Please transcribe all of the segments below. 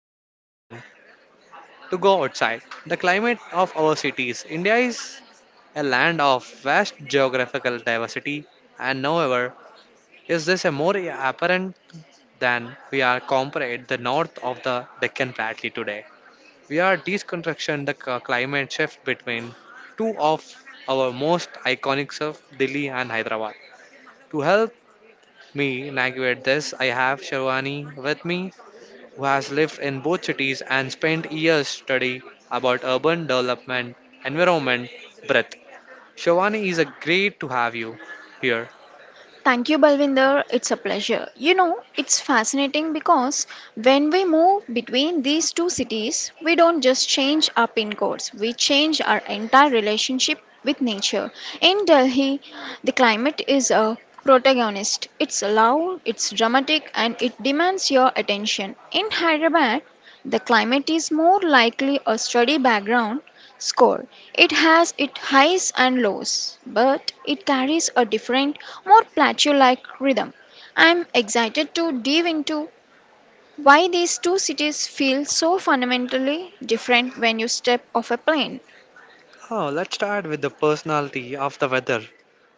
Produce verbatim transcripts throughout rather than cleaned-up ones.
or too rainy to go outside. The climate of our cities. India is a land of vast geographical diversity and however is this a more apparent than we are compared the north of the Deccan Plateau today. We are deconstructing the c- climate shift between two of our most iconic surf, Delhi and Hyderabad. To help me navigate this, I have Sharwani with me, who has lived in both cities and spent years studying about urban development, environment, breath. Sharwani is a great to have you here. Thank you, Balvinder. It's a pleasure. You know, it's fascinating because when we move between these two cities, we don't just change our pin codes, we change our entire relationship with nature. In Delhi, the climate is a protagonist. It's loud, it's dramatic, and it demands your attention. In Hyderabad, the climate is more likely a study background score. It has its highs and lows, but it carries a different, more plateau like rhythm. I'm excited to dive into why these two cities feel so fundamentally different when you step off a plane. Oh, let's start with the personality of the weather.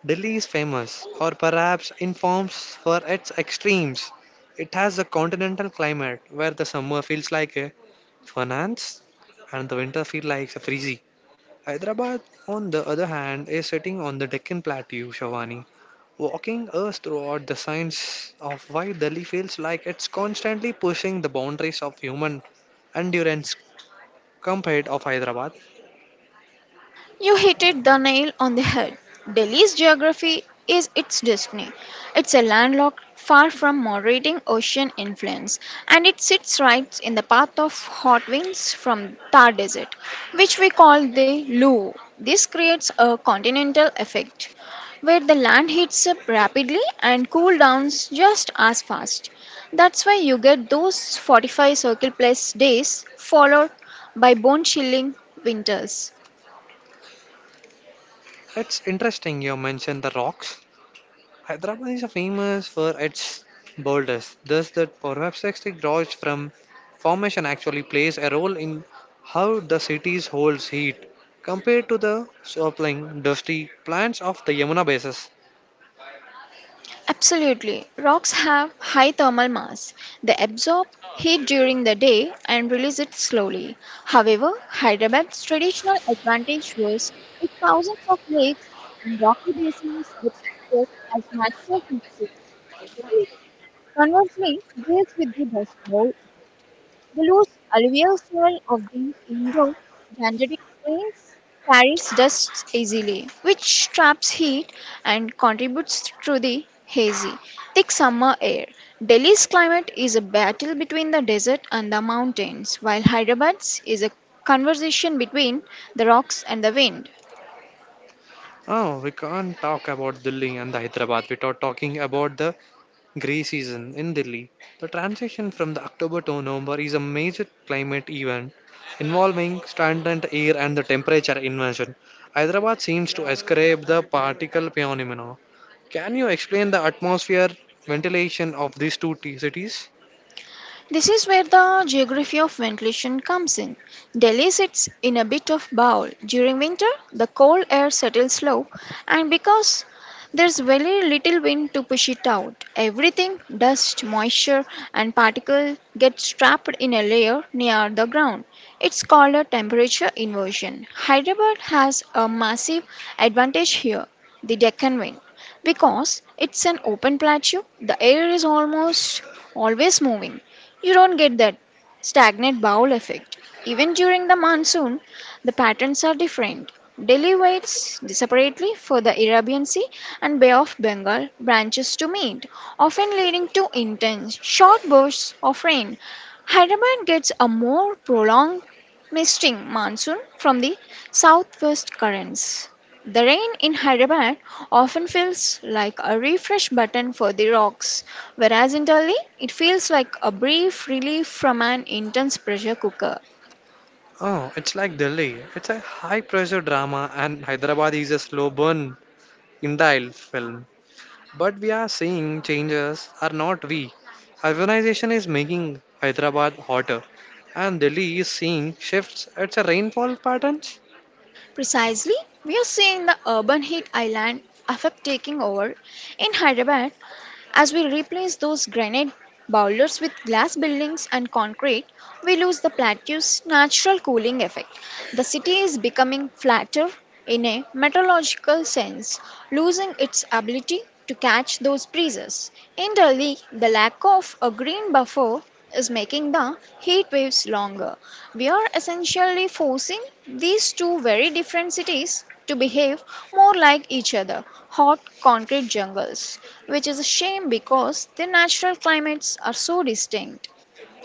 Delhi is famous, or perhaps informs for its extremes. It has a continental climate where the summer feels like a finance and the winter feels like a freezy. Hyderabad, on the other hand, is sitting on the Deccan Plateau, Shavani, walking us throughout the science of why Delhi feels like it's constantly pushing the boundaries of human endurance compared of Hyderabad. You hit it the nail on the head. Delhi's geography is its destiny. It's a landlocked, far from moderating ocean influence, and it sits right in the path of hot winds from Thar Desert, which we call the Lu. This creates a continental effect, where the land heats up rapidly and cool downs just as fast. That's why you get those forty-five circle plus days followed by bone chilling winters. It's interesting you mentioned the rocks Hyderabad is famous for its boulders, thus that perhaps extinct rocks from formation actually plays a role in how the city holds heat compared to the swirling, dusty plants of the Yamuna bases. Absolutely. Rocks have high thermal mass. They absorb heat during the day and release it slowly. However, Hyderabad's traditional advantage was its thousands of lakes and rocky basins with access as natural features. Conversely, deals with the dust bowl, the loose alluvial soil of the Indo Gangetic plains carries dust easily, which traps heat and contributes to the hazy, thick summer air. Delhi's climate is a battle between the desert and the mountains, while Hyderabad's is a conversation between the rocks and the wind. Oh, we can't talk about Delhi and the Hyderabad without talking about the Grey season in Delhi. The transition from the October to November is a major climate event involving stagnant air and the temperature inversion. Hyderabad seems to ascribe the particle phenomena. Can you explain the atmosphere ventilation of these two t- cities? This is where the geography of ventilation comes in. Delhi sits in a bit of bowl. During winter, the cold air settles low, and because there's very little wind to push it out, everything, dust, moisture, and particle gets trapped in a layer near the ground. It's called a temperature inversion. Hyderabad has a massive advantage here, the Deccan wind. Because it's an open plateau, the air is almost always moving. You don't get that stagnant bowl effect. Even during the monsoon, the patterns are different. Delhi waits separately for the Arabian Sea and Bay of Bengal branches to meet, often leading to intense, short bursts of rain. Hyderabad gets a more prolonged misting monsoon from the southwest currents. The rain in Hyderabad often feels like a refresh button for the rocks, whereas in Delhi, it feels like a brief relief from an intense pressure cooker. Oh, it's like Delhi. It's a high pressure drama and Hyderabad is a slow burn indile film. But we are seeing changes are not we. Urbanization is making Hyderabad hotter, and Delhi is seeing shifts at the rainfall patterns. Precisely, we are seeing the urban heat island effect taking over in Hyderabad as we replace those granite boulders with glass buildings and concrete. We lose the plateau's natural cooling effect. The city is becoming flatter in a meteorological sense, losing its ability to catch those breezes. In Delhi, the lack of a green buffer is making the heat waves longer. We are essentially forcing these two very different cities to behave more like each other, hot concrete jungles, which is a shame because their natural climates are so distinct.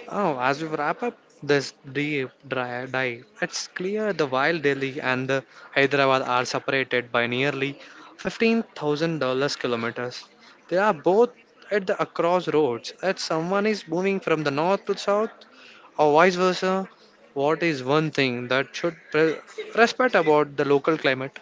Oh, as we wrap up this deep dry dive, it's clear the wild Delhi and the Hyderabad are separated by nearly fifteen thousand dollars kilometers. They are both at the crossroads. As someone is moving from the north to south, or vice versa, what is one thing that should pre- respect about the local climate?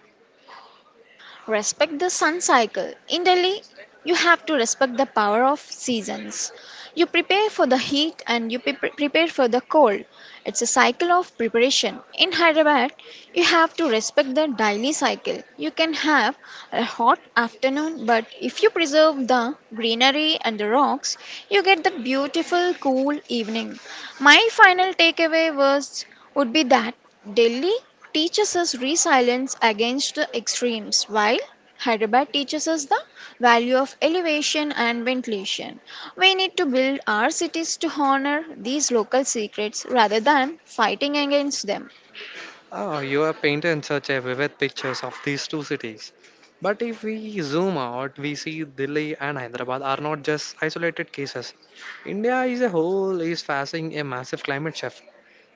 Respect the sun cycle. In Delhi, you have to respect the power of seasons. You prepare for the heat and you pre- prepare for the cold. It's a cycle of preparation. In Hyderabad, you have to respect the daily cycle. You can have a hot afternoon, but if you preserve the greenery and the rocks, you get that beautiful cool evening. My final takeaway was would be that Delhi teaches us resilience against the extremes, while Hyderabad teaches us the value of elevation and ventilation. We need to build our cities to honor these local secrets rather than fighting against them. Ah, you have painted such a vivid pictures of these two cities. But if we zoom out, we see Delhi and Hyderabad are not just isolated cases. India as a whole is facing a massive climate shift.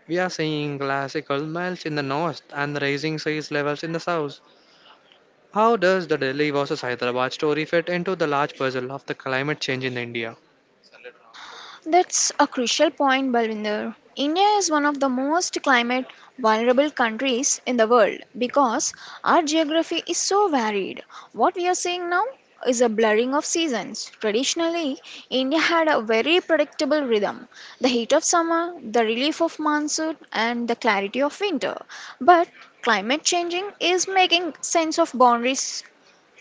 We are seeing glacial melts in the north and rising sea levels in the south. How does the Delhi versus Hyderabad story fit into the large puzzle of the climate change in India? That's a crucial point, Balwinder. India is one of the most climate vulnerable countries in the world because our geography is so varied. What we are seeing now is a blurring of seasons. Traditionally, India had a very predictable rhythm, the heat of summer, the relief of monsoon, and the clarity of winter. But climate changing is making sense of boundaries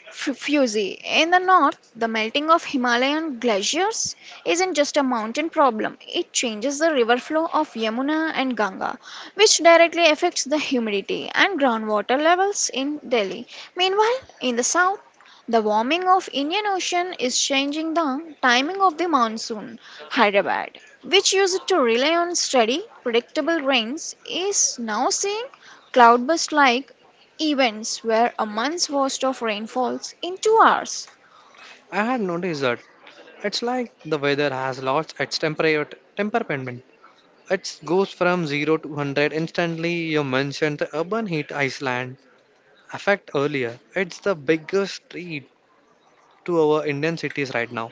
F- Fuji. In the north, the melting of Himalayan glaciers isn't just a mountain problem, it changes the river flow of Yamuna and Ganga, which directly affects the humidity and groundwater levels in Delhi. Meanwhile, in the south, the warming of Indian Ocean is changing the timing of the monsoon. Hyderabad, which used to rely on steady, predictable rains, is now seeing cloudburst like events where a month's worth of rain falls in two hours. I had noticed that it's like the weather has lost its temperate temperament. It goes from zero to one hundred instantly. You mentioned the urban heat Iceland effect earlier. It's the biggest threat to our Indian cities right now.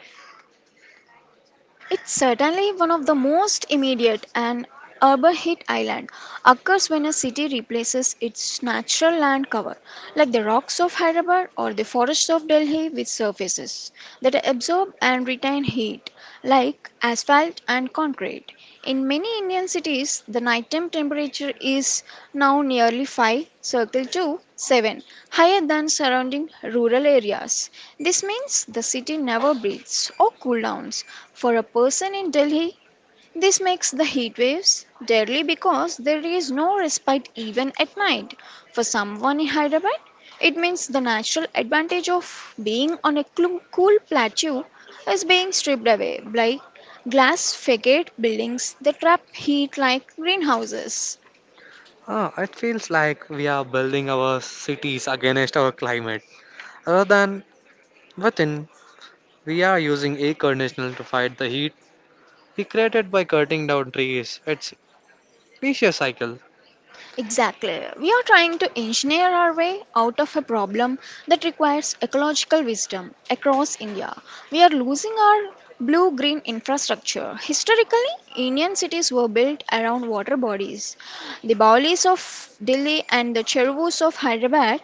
It's certainly one of the most immediate, and urban hit island occurs when a city replaces its natural land cover, like the rocks of Hyderabad or the forests of Delhi with surfaces that absorb and retain heat, like asphalt. asphalt. And concrete. In many Indian cities, the nighttime temperature is now nearly five circle to seven higher than surrounding rural areas. This means the city never breathes or cool downs. For a person in Delhi, this makes the heat waves deadly because there is no respite even at night. For someone in Hyderabad, it means the natural advantage of being on a clu- cool plateau is being stripped away by glass facade buildings that trap heat like greenhouses. Ah, it feels like we are building our cities against our climate. Rather than within, we are using air conditioner to fight the heat we created by cutting down trees. It's vicious cycle. Exactly. We are trying to engineer our way out of a problem that requires ecological wisdom across India. We are losing our blue green infrastructure. Historically, Indian cities were built around water bodies. The Baolis of Delhi and the Chervus of Hyderabad,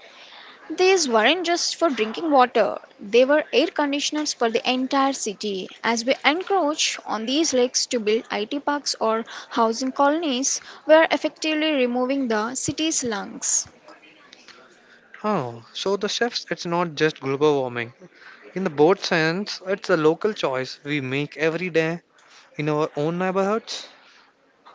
these weren't just for drinking water, they were air conditioners for the entire city. As we encroach on these lakes to build I T parks or housing colonies, we are effectively removing the city's lungs. Oh, so the shifts, it's not just global warming. In the boat sense, it's a local choice we make every day in our own neighborhoods.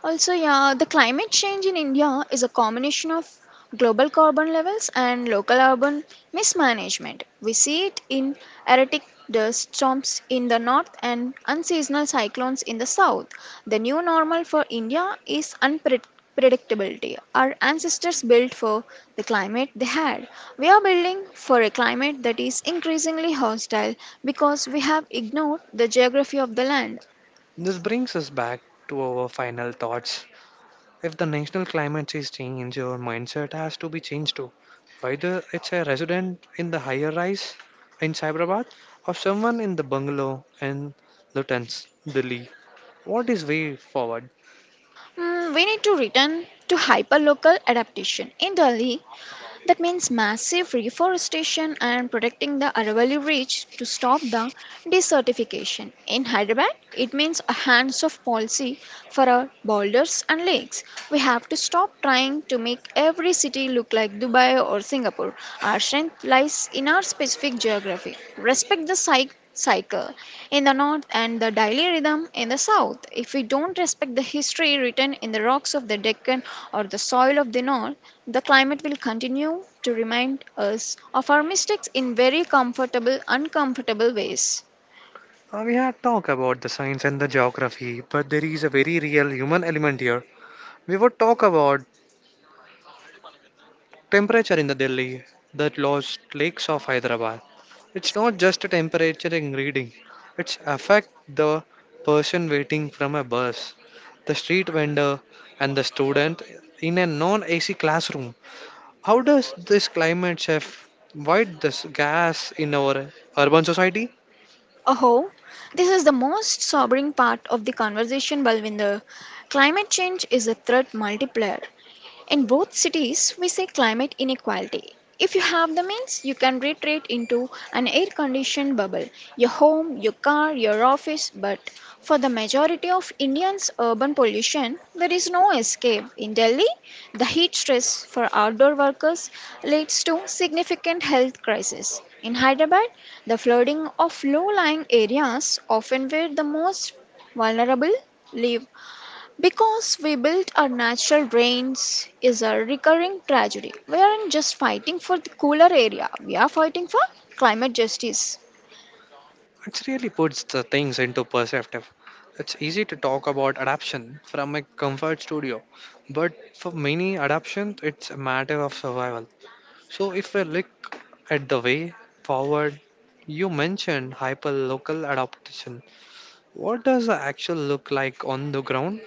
Also, yeah, the climate change in India is a combination of global carbon levels and local urban mismanagement. We see it in erratic dust storms in the north and unseasonal cyclones in the south. The new normal for India is unpredictability. Our ancestors built for the climate they had. We are building for a climate that is increasingly hostile because we have ignored the geography of the land. This brings us back to our final thoughts. If the national climate is changed, your mindset has to be changed too. Whether it's a resident in the higher rise in Cyberabad or someone in the bungalow in Luton's, Delhi, what is way forward? Mm, we need to return to hyperlocal adaptation. In Delhi, that means massive reforestation and protecting the Aravalli Reach to stop the desertification. In Hyderabad, it means a hands-off policy for our boulders and lakes. We have to stop trying to make every city look like Dubai or Singapore. Our strength lies in our specific geography. Respect the site cycle in the north and the daily rhythm in the south. If we don't respect the history written in the rocks of the Deccan or the soil of the north, the climate will continue to remind us of our mistakes in very comfortable, uncomfortable ways. Uh, we had talked about the science and the geography, but there is a very real human element here. We would talk about temperature in the Delhi, the lost lakes of Hyderabad. It's not just a temperature in reading. It's affect the person waiting from a bus, the street vendor, and the student in a non-A C classroom. How does this climate shift void this gas in our urban society? Oh, this is the most sobering part of the conversation, Balvinder. Climate change is a threat multiplier. In both cities, we see climate inequality. If you have the means, you can retreat into an air conditioned bubble, your home, your car, your office. But for the majority of Indians, urban pollution, there is no escape. In Delhi, the heat stress for outdoor workers leads to significant health crisis. In Hyderabad, the flooding of low lying areas, often where the most vulnerable live, because we built our natural drains is a recurring tragedy. We aren't just fighting for the cooler area, we are fighting for climate justice. It really puts the things into perspective. It's easy to talk about adaptation from a comfort studio, but for many adaptation, it's a matter of survival. So, if we look at the way forward, you mentioned hyperlocal adaptation. What does the actual look like on the ground?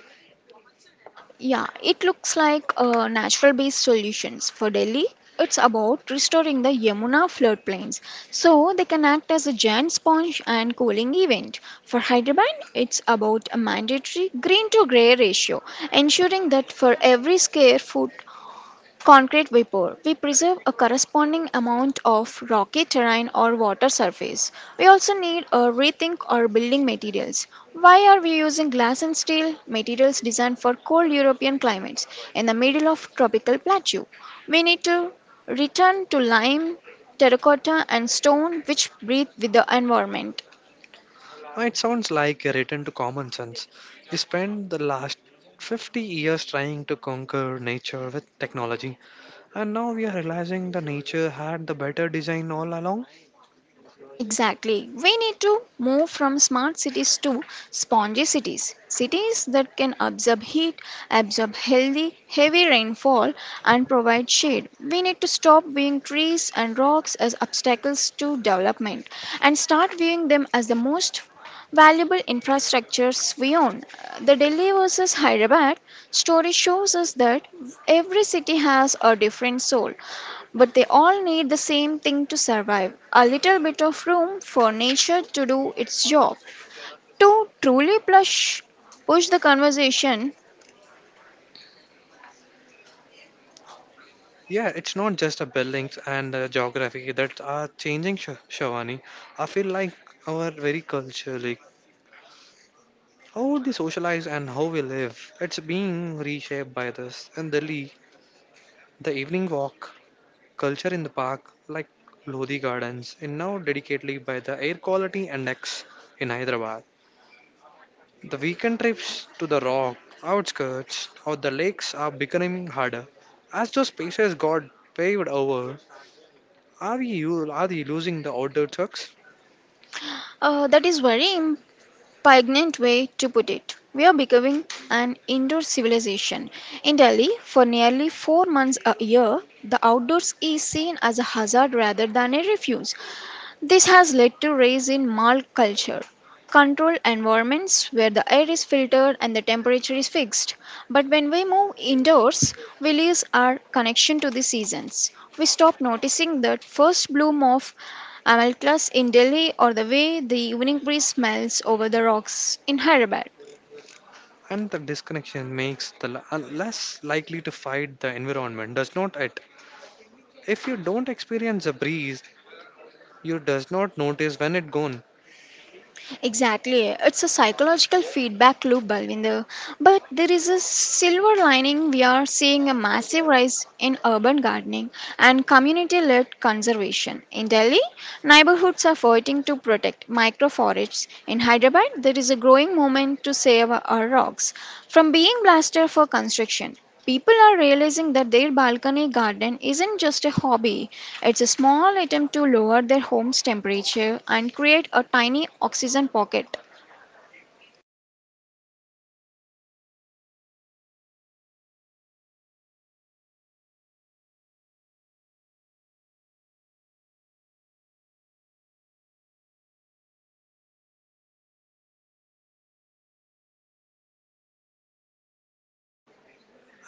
Yeah, it looks like uh, natural based solutions. For Delhi, it's about restoring the Yamuna floodplains so they can act as a giant sponge and cooling event. For Hyderabad, it's about a mandatory green to grey ratio, ensuring that for every square foot concrete vapor. We preserve a corresponding amount of rocky terrain or water surface. We also need a rethink our building materials. Why are we using glass and steel materials designed for cold European climates in the middle of tropical plateau? We need to return to lime, terracotta, and stone which breathe with the environment. It sounds like a return to common sense. We spent the last fifty years trying to conquer nature with technology, and now we are realizing the nature had the better design all along. Exactly. We need to move from smart cities to spongy cities. Cities that can absorb heat, absorb healthy, heavy rainfall, and provide shade. We need to stop viewing trees and rocks as obstacles to development and start viewing them as the most valuable infrastructures we own. Uh, The Delhi versus Hyderabad story shows us that every city has a different soul but they all need the same thing to survive, a little bit of room for nature to do its job. To truly plush, push the conversation, Yeah, it's not just the buildings and the geography that are changing, Sh- Shavani. I feel like our very culture, how they socialize and how we live, it's being reshaped by this. In Delhi, the evening walk culture in the park, like Lodi Gardens, is now dedicatedly by the Air Quality Index in Hyderabad. The weekend trips to the rock, outskirts, or the lakes are becoming harder. As those spaces got paved over, are we, u- are we losing the outdoor chucks? uh, that is very important. Poignant way to put it. We are becoming an indoor civilization. In Delhi, for nearly four months a year, the outdoors is seen as a hazard rather than a refuge. This has led to rise in mall culture. Controlled environments where the air is filtered and the temperature is fixed. But when we move indoors, we lose our connection to the seasons. We stop noticing that first bloom of Amal class in Delhi or the way the evening breeze smells over the rocks in Hyderabad. And the disconnection makes the l- uh, less likely to fight the environment, does not it? If you don't experience a breeze, you does not notice when it gone. Exactly. It's a psychological feedback loop, Balvinder. But there is a silver lining. We are seeing a massive rise in urban gardening and community led conservation. In Delhi, neighborhoods are fighting to protect microforests. In Hyderabad, there is a growing movement to save our rocks from being blasted for construction. People are realizing that their balcony garden isn't just a hobby, it's a small attempt to lower their home's temperature and create a tiny oxygen pocket.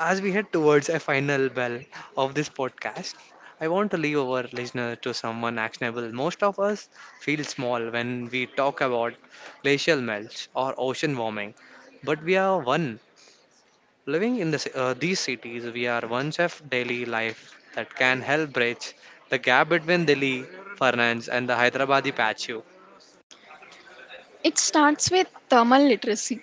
As we head towards a final bell of this podcast, I want to leave our listener to someone actionable. Most of us feel small when we talk about glacial melts or ocean warming, but we are one living in this, uh, these cities. We are one Chef daily life that can help bridge the gap between Delhi, Fernandes, and the Hyderabadi patchu. It starts with thermal literacy.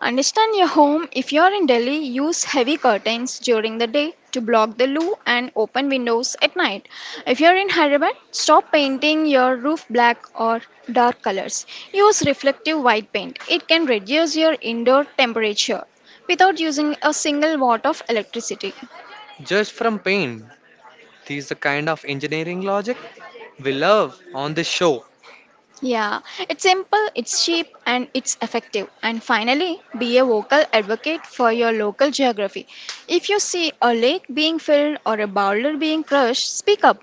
Understand your home. If you are in Delhi, use heavy curtains during the day to block the loo and open windows at night. If you are in Hyderabad, stop painting your roof black or dark colors. Use reflective white paint. It can reduce your indoor temperature without using a single watt of electricity. Just from pain these the kind of engineering logic we love on this show. Yeah, it's simple, it's cheap, and it's effective. And finally, be a vocal advocate for your local geography. If you see a lake being filled or a boulder being crushed, speak up.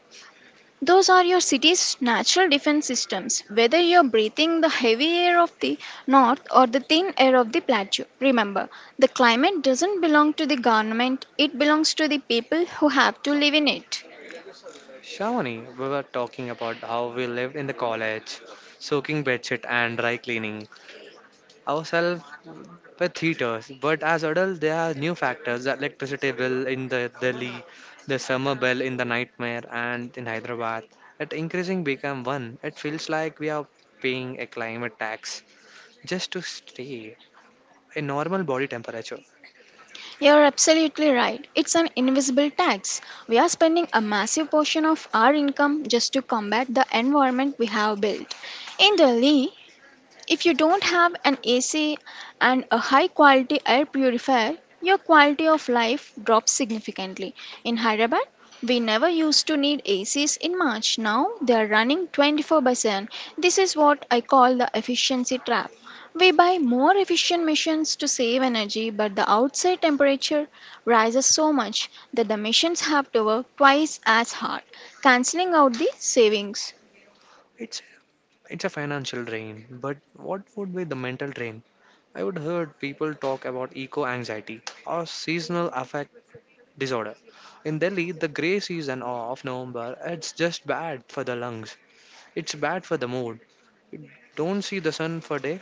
Those are your city's natural defense systems, whether you're breathing the heavy air of the north or the thin air of the plateau. Remember, the climate doesn't belong to the government, it belongs to the people who have to live in it. Shavani, we were talking about how we lived in the college, soaking bedsheet and dry cleaning ourselves with heaters. But as adults, there are new factors: the electricity bill in the Delhi, the summer bill in the nightmare, and in Hyderabad. At increasing become one, it feels like we are paying a climate tax just to stay a normal body temperature. You're absolutely right. It's an invisible tax. We are spending a massive portion of our income just to combat the environment we have built. In Delhi, if you don't have an A C and a high quality air purifier, your quality of life drops significantly. In Hyderabad, we never used to need A Cs in March. Now they are running twenty-four by seven. This is what I call the efficiency trap. We buy more efficient machines to save energy, but the outside temperature rises so much that the machines have to work twice as hard, cancelling out the savings. It's It's a financial drain, but what would be the mental drain? I would heard people talk about eco anxiety or seasonal affect disorder. In Delhi, the grey season of November, it's just bad for the lungs. It's bad for the mood. You don't see the sun for day.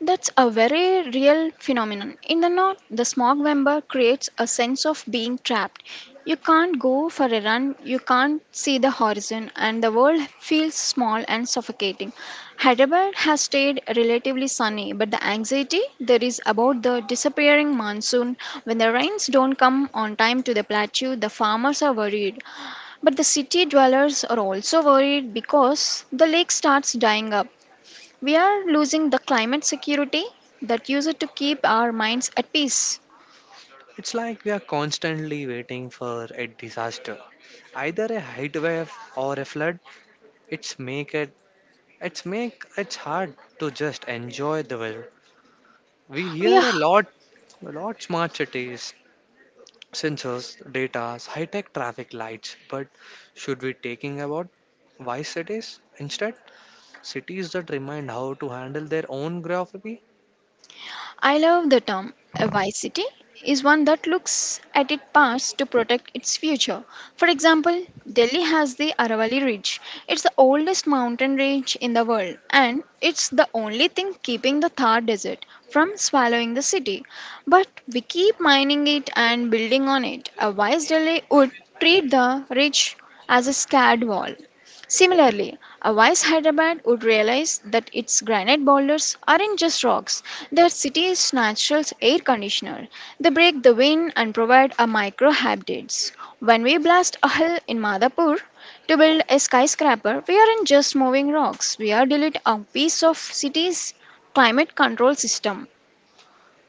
That's a very real phenomenon. In the north, the smog vapor creates a sense of being trapped. You can't go for a run, you can't see the horizon, and the world feels small and suffocating. Hyderabad has stayed relatively sunny, but the anxiety there is about the disappearing monsoon when the rains don't come on time to the plateau, the farmers are worried. But the city dwellers are also worried because the lake starts dying up. We are losing the climate security that used to keep our minds at peace. It's like we are constantly waiting for a disaster, either a heat wave or a flood. It's make it it's make it's hard to just enjoy the weather. We We hear a lot a lot smart cities sensors, data, high-tech traffic lights, but should we taking about why cities instead? Cities that remind how to handle their own geography. I love the term. A wise city is one that looks at its past to protect its future. For example, Delhi has the Aravalli Ridge. It's the oldest mountain range in the world, and it's the only thing keeping the Thar Desert from swallowing the city. But we keep mining it and building on it. A wise Delhi would treat the ridge as a scared wall. Similarly, a wise Hyderabad would realize that its granite boulders aren't just rocks, they're city's natural air conditioner. They break the wind and provide a micro habitats. When we blast a hill in Madhapur to build a skyscraper, we aren't just moving rocks, we are deleting a piece of city's climate control system.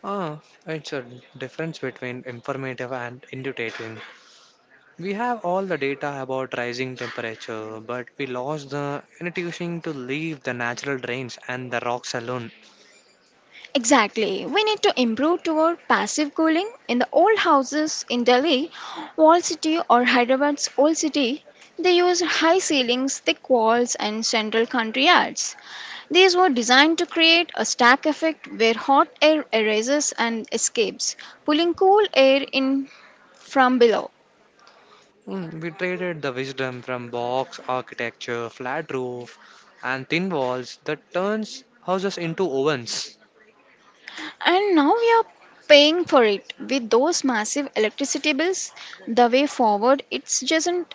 Ah, it's a difference between informative and intuitive. We have all the data about rising temperature, but we lost the intuition to leave the natural drains and the rocks alone. Exactly. We need to improve toward passive cooling. In the old houses in Delhi, wall city or Hyderabad's old city, they used high ceilings, thick walls, and central country yards. These were designed to create a stack effect where hot air arises and escapes, pulling cool air in from below. Mm, we traded the wisdom from box architecture, flat roof, and thin walls that turns houses into ovens. And now we are paying for it with those massive electricity bills. The way forward, it's just not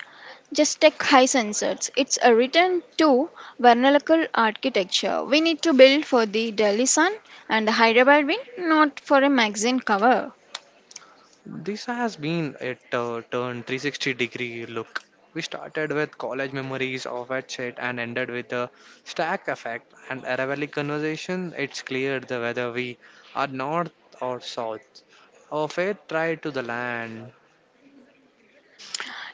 just tech high sensors. It's a return to vernacular architecture. We need to build for the Delhi sun and the Hyderabad wind, not for a magazine cover. This has been a uh, turn three sixty degree look. We started with college memories of wet shit and ended with the stack effect and Aravalli conversation. It's clear the whether we are north or south. Our fate tied to the land.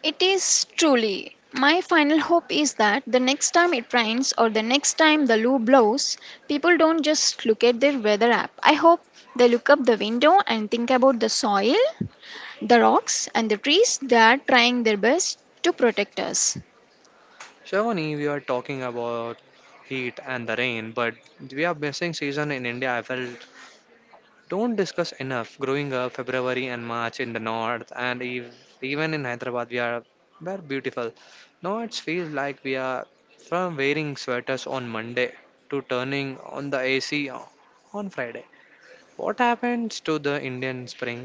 It is truly. My final hope is that the next time it rains or the next time the loo blows, people don't just look at their weather app. I hope they look up the window and think about the soil, the rocks, and the trees that are trying their best to protect us. Shavani, we are talking about heat and the rain, but we are missing season in India. I felt don't discuss enough. Growing up, February and March in the north, and ev- even in Hyderabad, we are were beautiful. Now it feels like we are from wearing sweaters on Monday to turning on the A C on Friday. What happens to the Indian spring?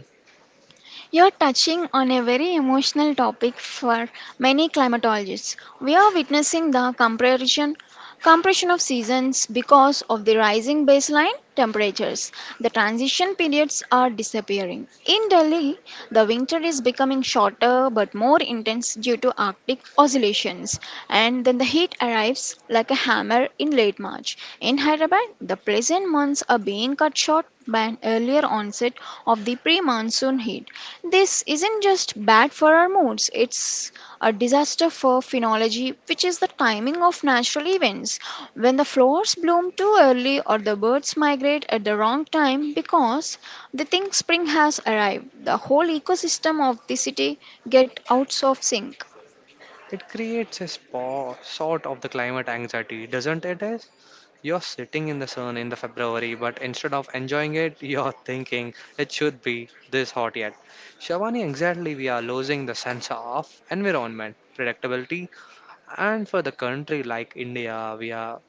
You're touching on a very emotional topic for many climatologists. We are witnessing the compression compression of seasons because of the rising baseline temperatures. The transition periods are disappearing. In Delhi, the winter is becoming shorter but more intense due to Arctic oscillations, and then the heat arrives like a hammer in late March. In Hyderabad, Hyderabad, the pleasant months are being cut short by an earlier onset of the pre monsoon heat. This isn't just bad for our moods, it's a disaster for phenology, which is the timing of natural events. When the flowers bloom too early or the birds migrate at the wrong time because they think spring has arrived, the whole ecosystem of the city gets out of sync. It creates a spa, sort of the climate anxiety, doesn't it? Is you're sitting in the sun in the February, but instead of enjoying it, you're thinking it should be this hot yet. Shavani, exactly, we are losing the sense of environment, predictability, and for the country like India, we are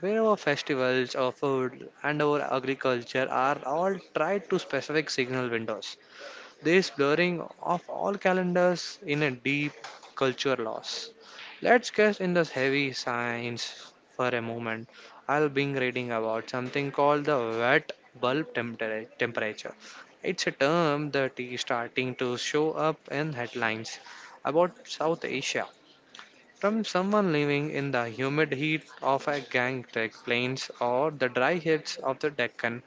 where our festivals, our food, and our agriculture are all tied to specific signal windows this blurring of all calendars in a deep culture loss. Let's get in this heavy science for a moment. I'll be reading about something called the wet bulb tempera- temperature. It's a term that is starting to show up in headlines about South Asia from someone living in the humid heat of a Gangtek plains or the dry heats of the Deccan.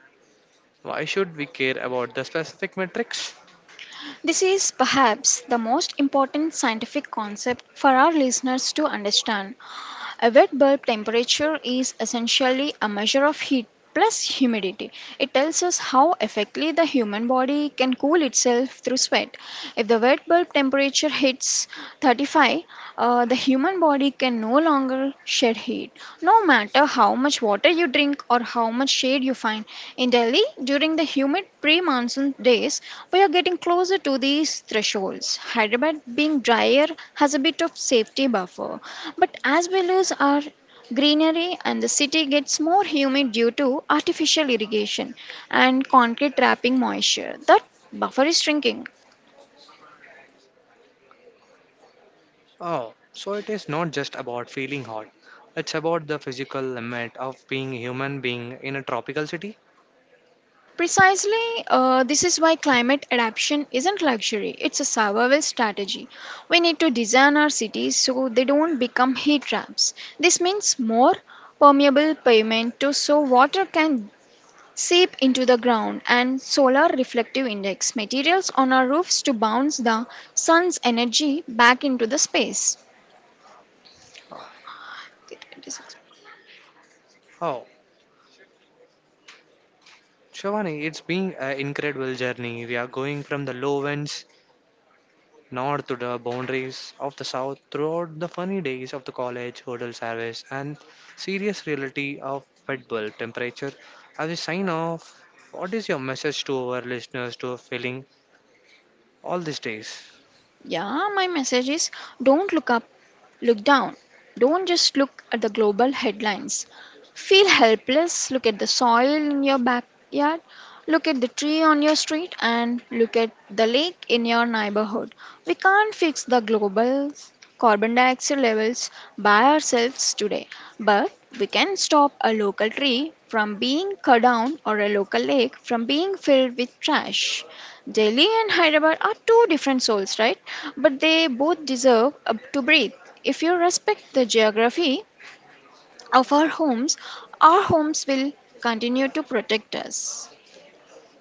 Why should we care about the specific metrics? This is perhaps the most important scientific concept for our listeners to understand. A wet bulb temperature is essentially a measure of heat plus humidity. It tells us how effectively the human body can cool itself through sweat. If the wet bulb temperature hits thirty-five, uh, the human body can no longer shed heat. No matter how much water you drink or how much shade you find. In Delhi, during the humid pre monsoon days, we are getting closer to these thresholds. Hyderabad, being drier, has a bit of safety buffer. But as we lose our greenery and the city gets more humid due to artificial irrigation and concrete trapping moisture, that buffer is shrinking. Oh, so it is not just about feeling hot. It's about the physical limit of being a human being in a tropical city. Precisely, uh, this is why climate adaptation isn't luxury, it's a survival strategy. We need to design our cities so they don't become heat traps. This means more permeable pavement to so water can seep into the ground and solar reflective index materials on our roofs to bounce the sun's energy back into the space. Oh, Shivani, it's been an incredible journey. We are going from the lowlands north to the boundaries of the south throughout the funny days of the college, hotel service, and serious reality of wet bulb temperature. As we sign off, what is your message to our listeners to are feeling all these days? Yeah, my message is don't look up, look down. Don't just look at the global headlines. Feel helpless, look at the soil in your backyard, look at the tree on your street, and look at the lake in your neighborhood. We can't fix the global carbon dioxide levels by ourselves today, but we can stop a local tree from being cut down or a local lake from being filled with trash. Delhi and Hyderabad are two different souls, right? But they both deserve uh, to breathe. If you respect the geography of our homes, our homes will continue to protect us.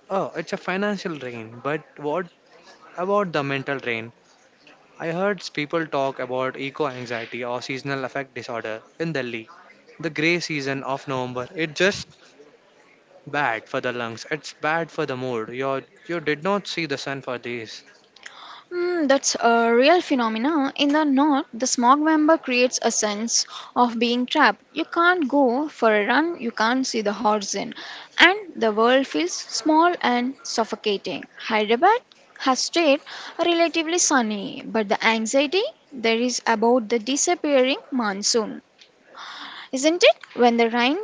Oh, it's a financial drain, but what about the mental drain, I heard people talk about eco anxiety or seasonal affect disorder in Delhi. The grey season of November, it's just bad for the lungs. It's bad for the mood. You you did not see the sun for days. Hmm, that's a real phenomena. In the north, the smog member creates a sense of being trapped. You can't go for a run, you can't see the horizon, and the world feels small and suffocating. Hyderabad has stayed relatively sunny, but the anxiety there is about the disappearing monsoon. Isn't it? When the rain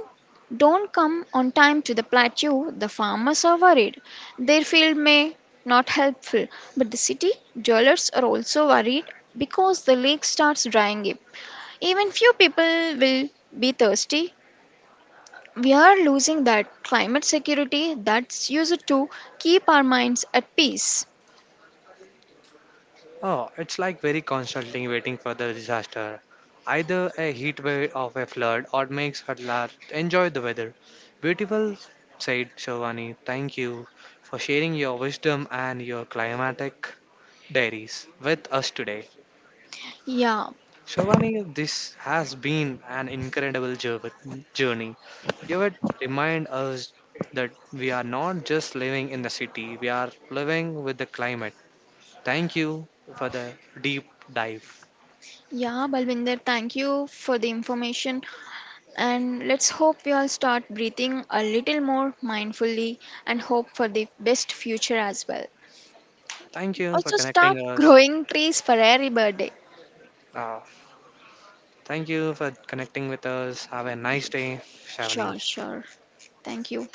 don't come on time to the plateau, the farmers are worried. Their field may not helpful, but the city dwellers are also worried because the lake starts drying up. Even few people will be thirsty. We are losing that climate security that's used to keep our minds at peace. Oh, it's like very constantly waiting for the disaster. Either a heat wave of a flood or makes her la- enjoy the weather. Beautiful, said Shivani. Thank you for sharing your wisdom and your climatic diaries with us today. Yeah, Shivani, this has been an incredible jour- journey. You would remind us that we are not just living in the city, we are living with the climate. Thank you for the deep dive. yeah, Balvinder, thank you for the information. And let's hope we all start breathing a little more mindfully and hope for the best future as well. Thank you for Also, connecting start us. growing trees for every birthday. Uh, thank you for connecting with us. Have a nice day, Shavani. Sure, sure. Thank you.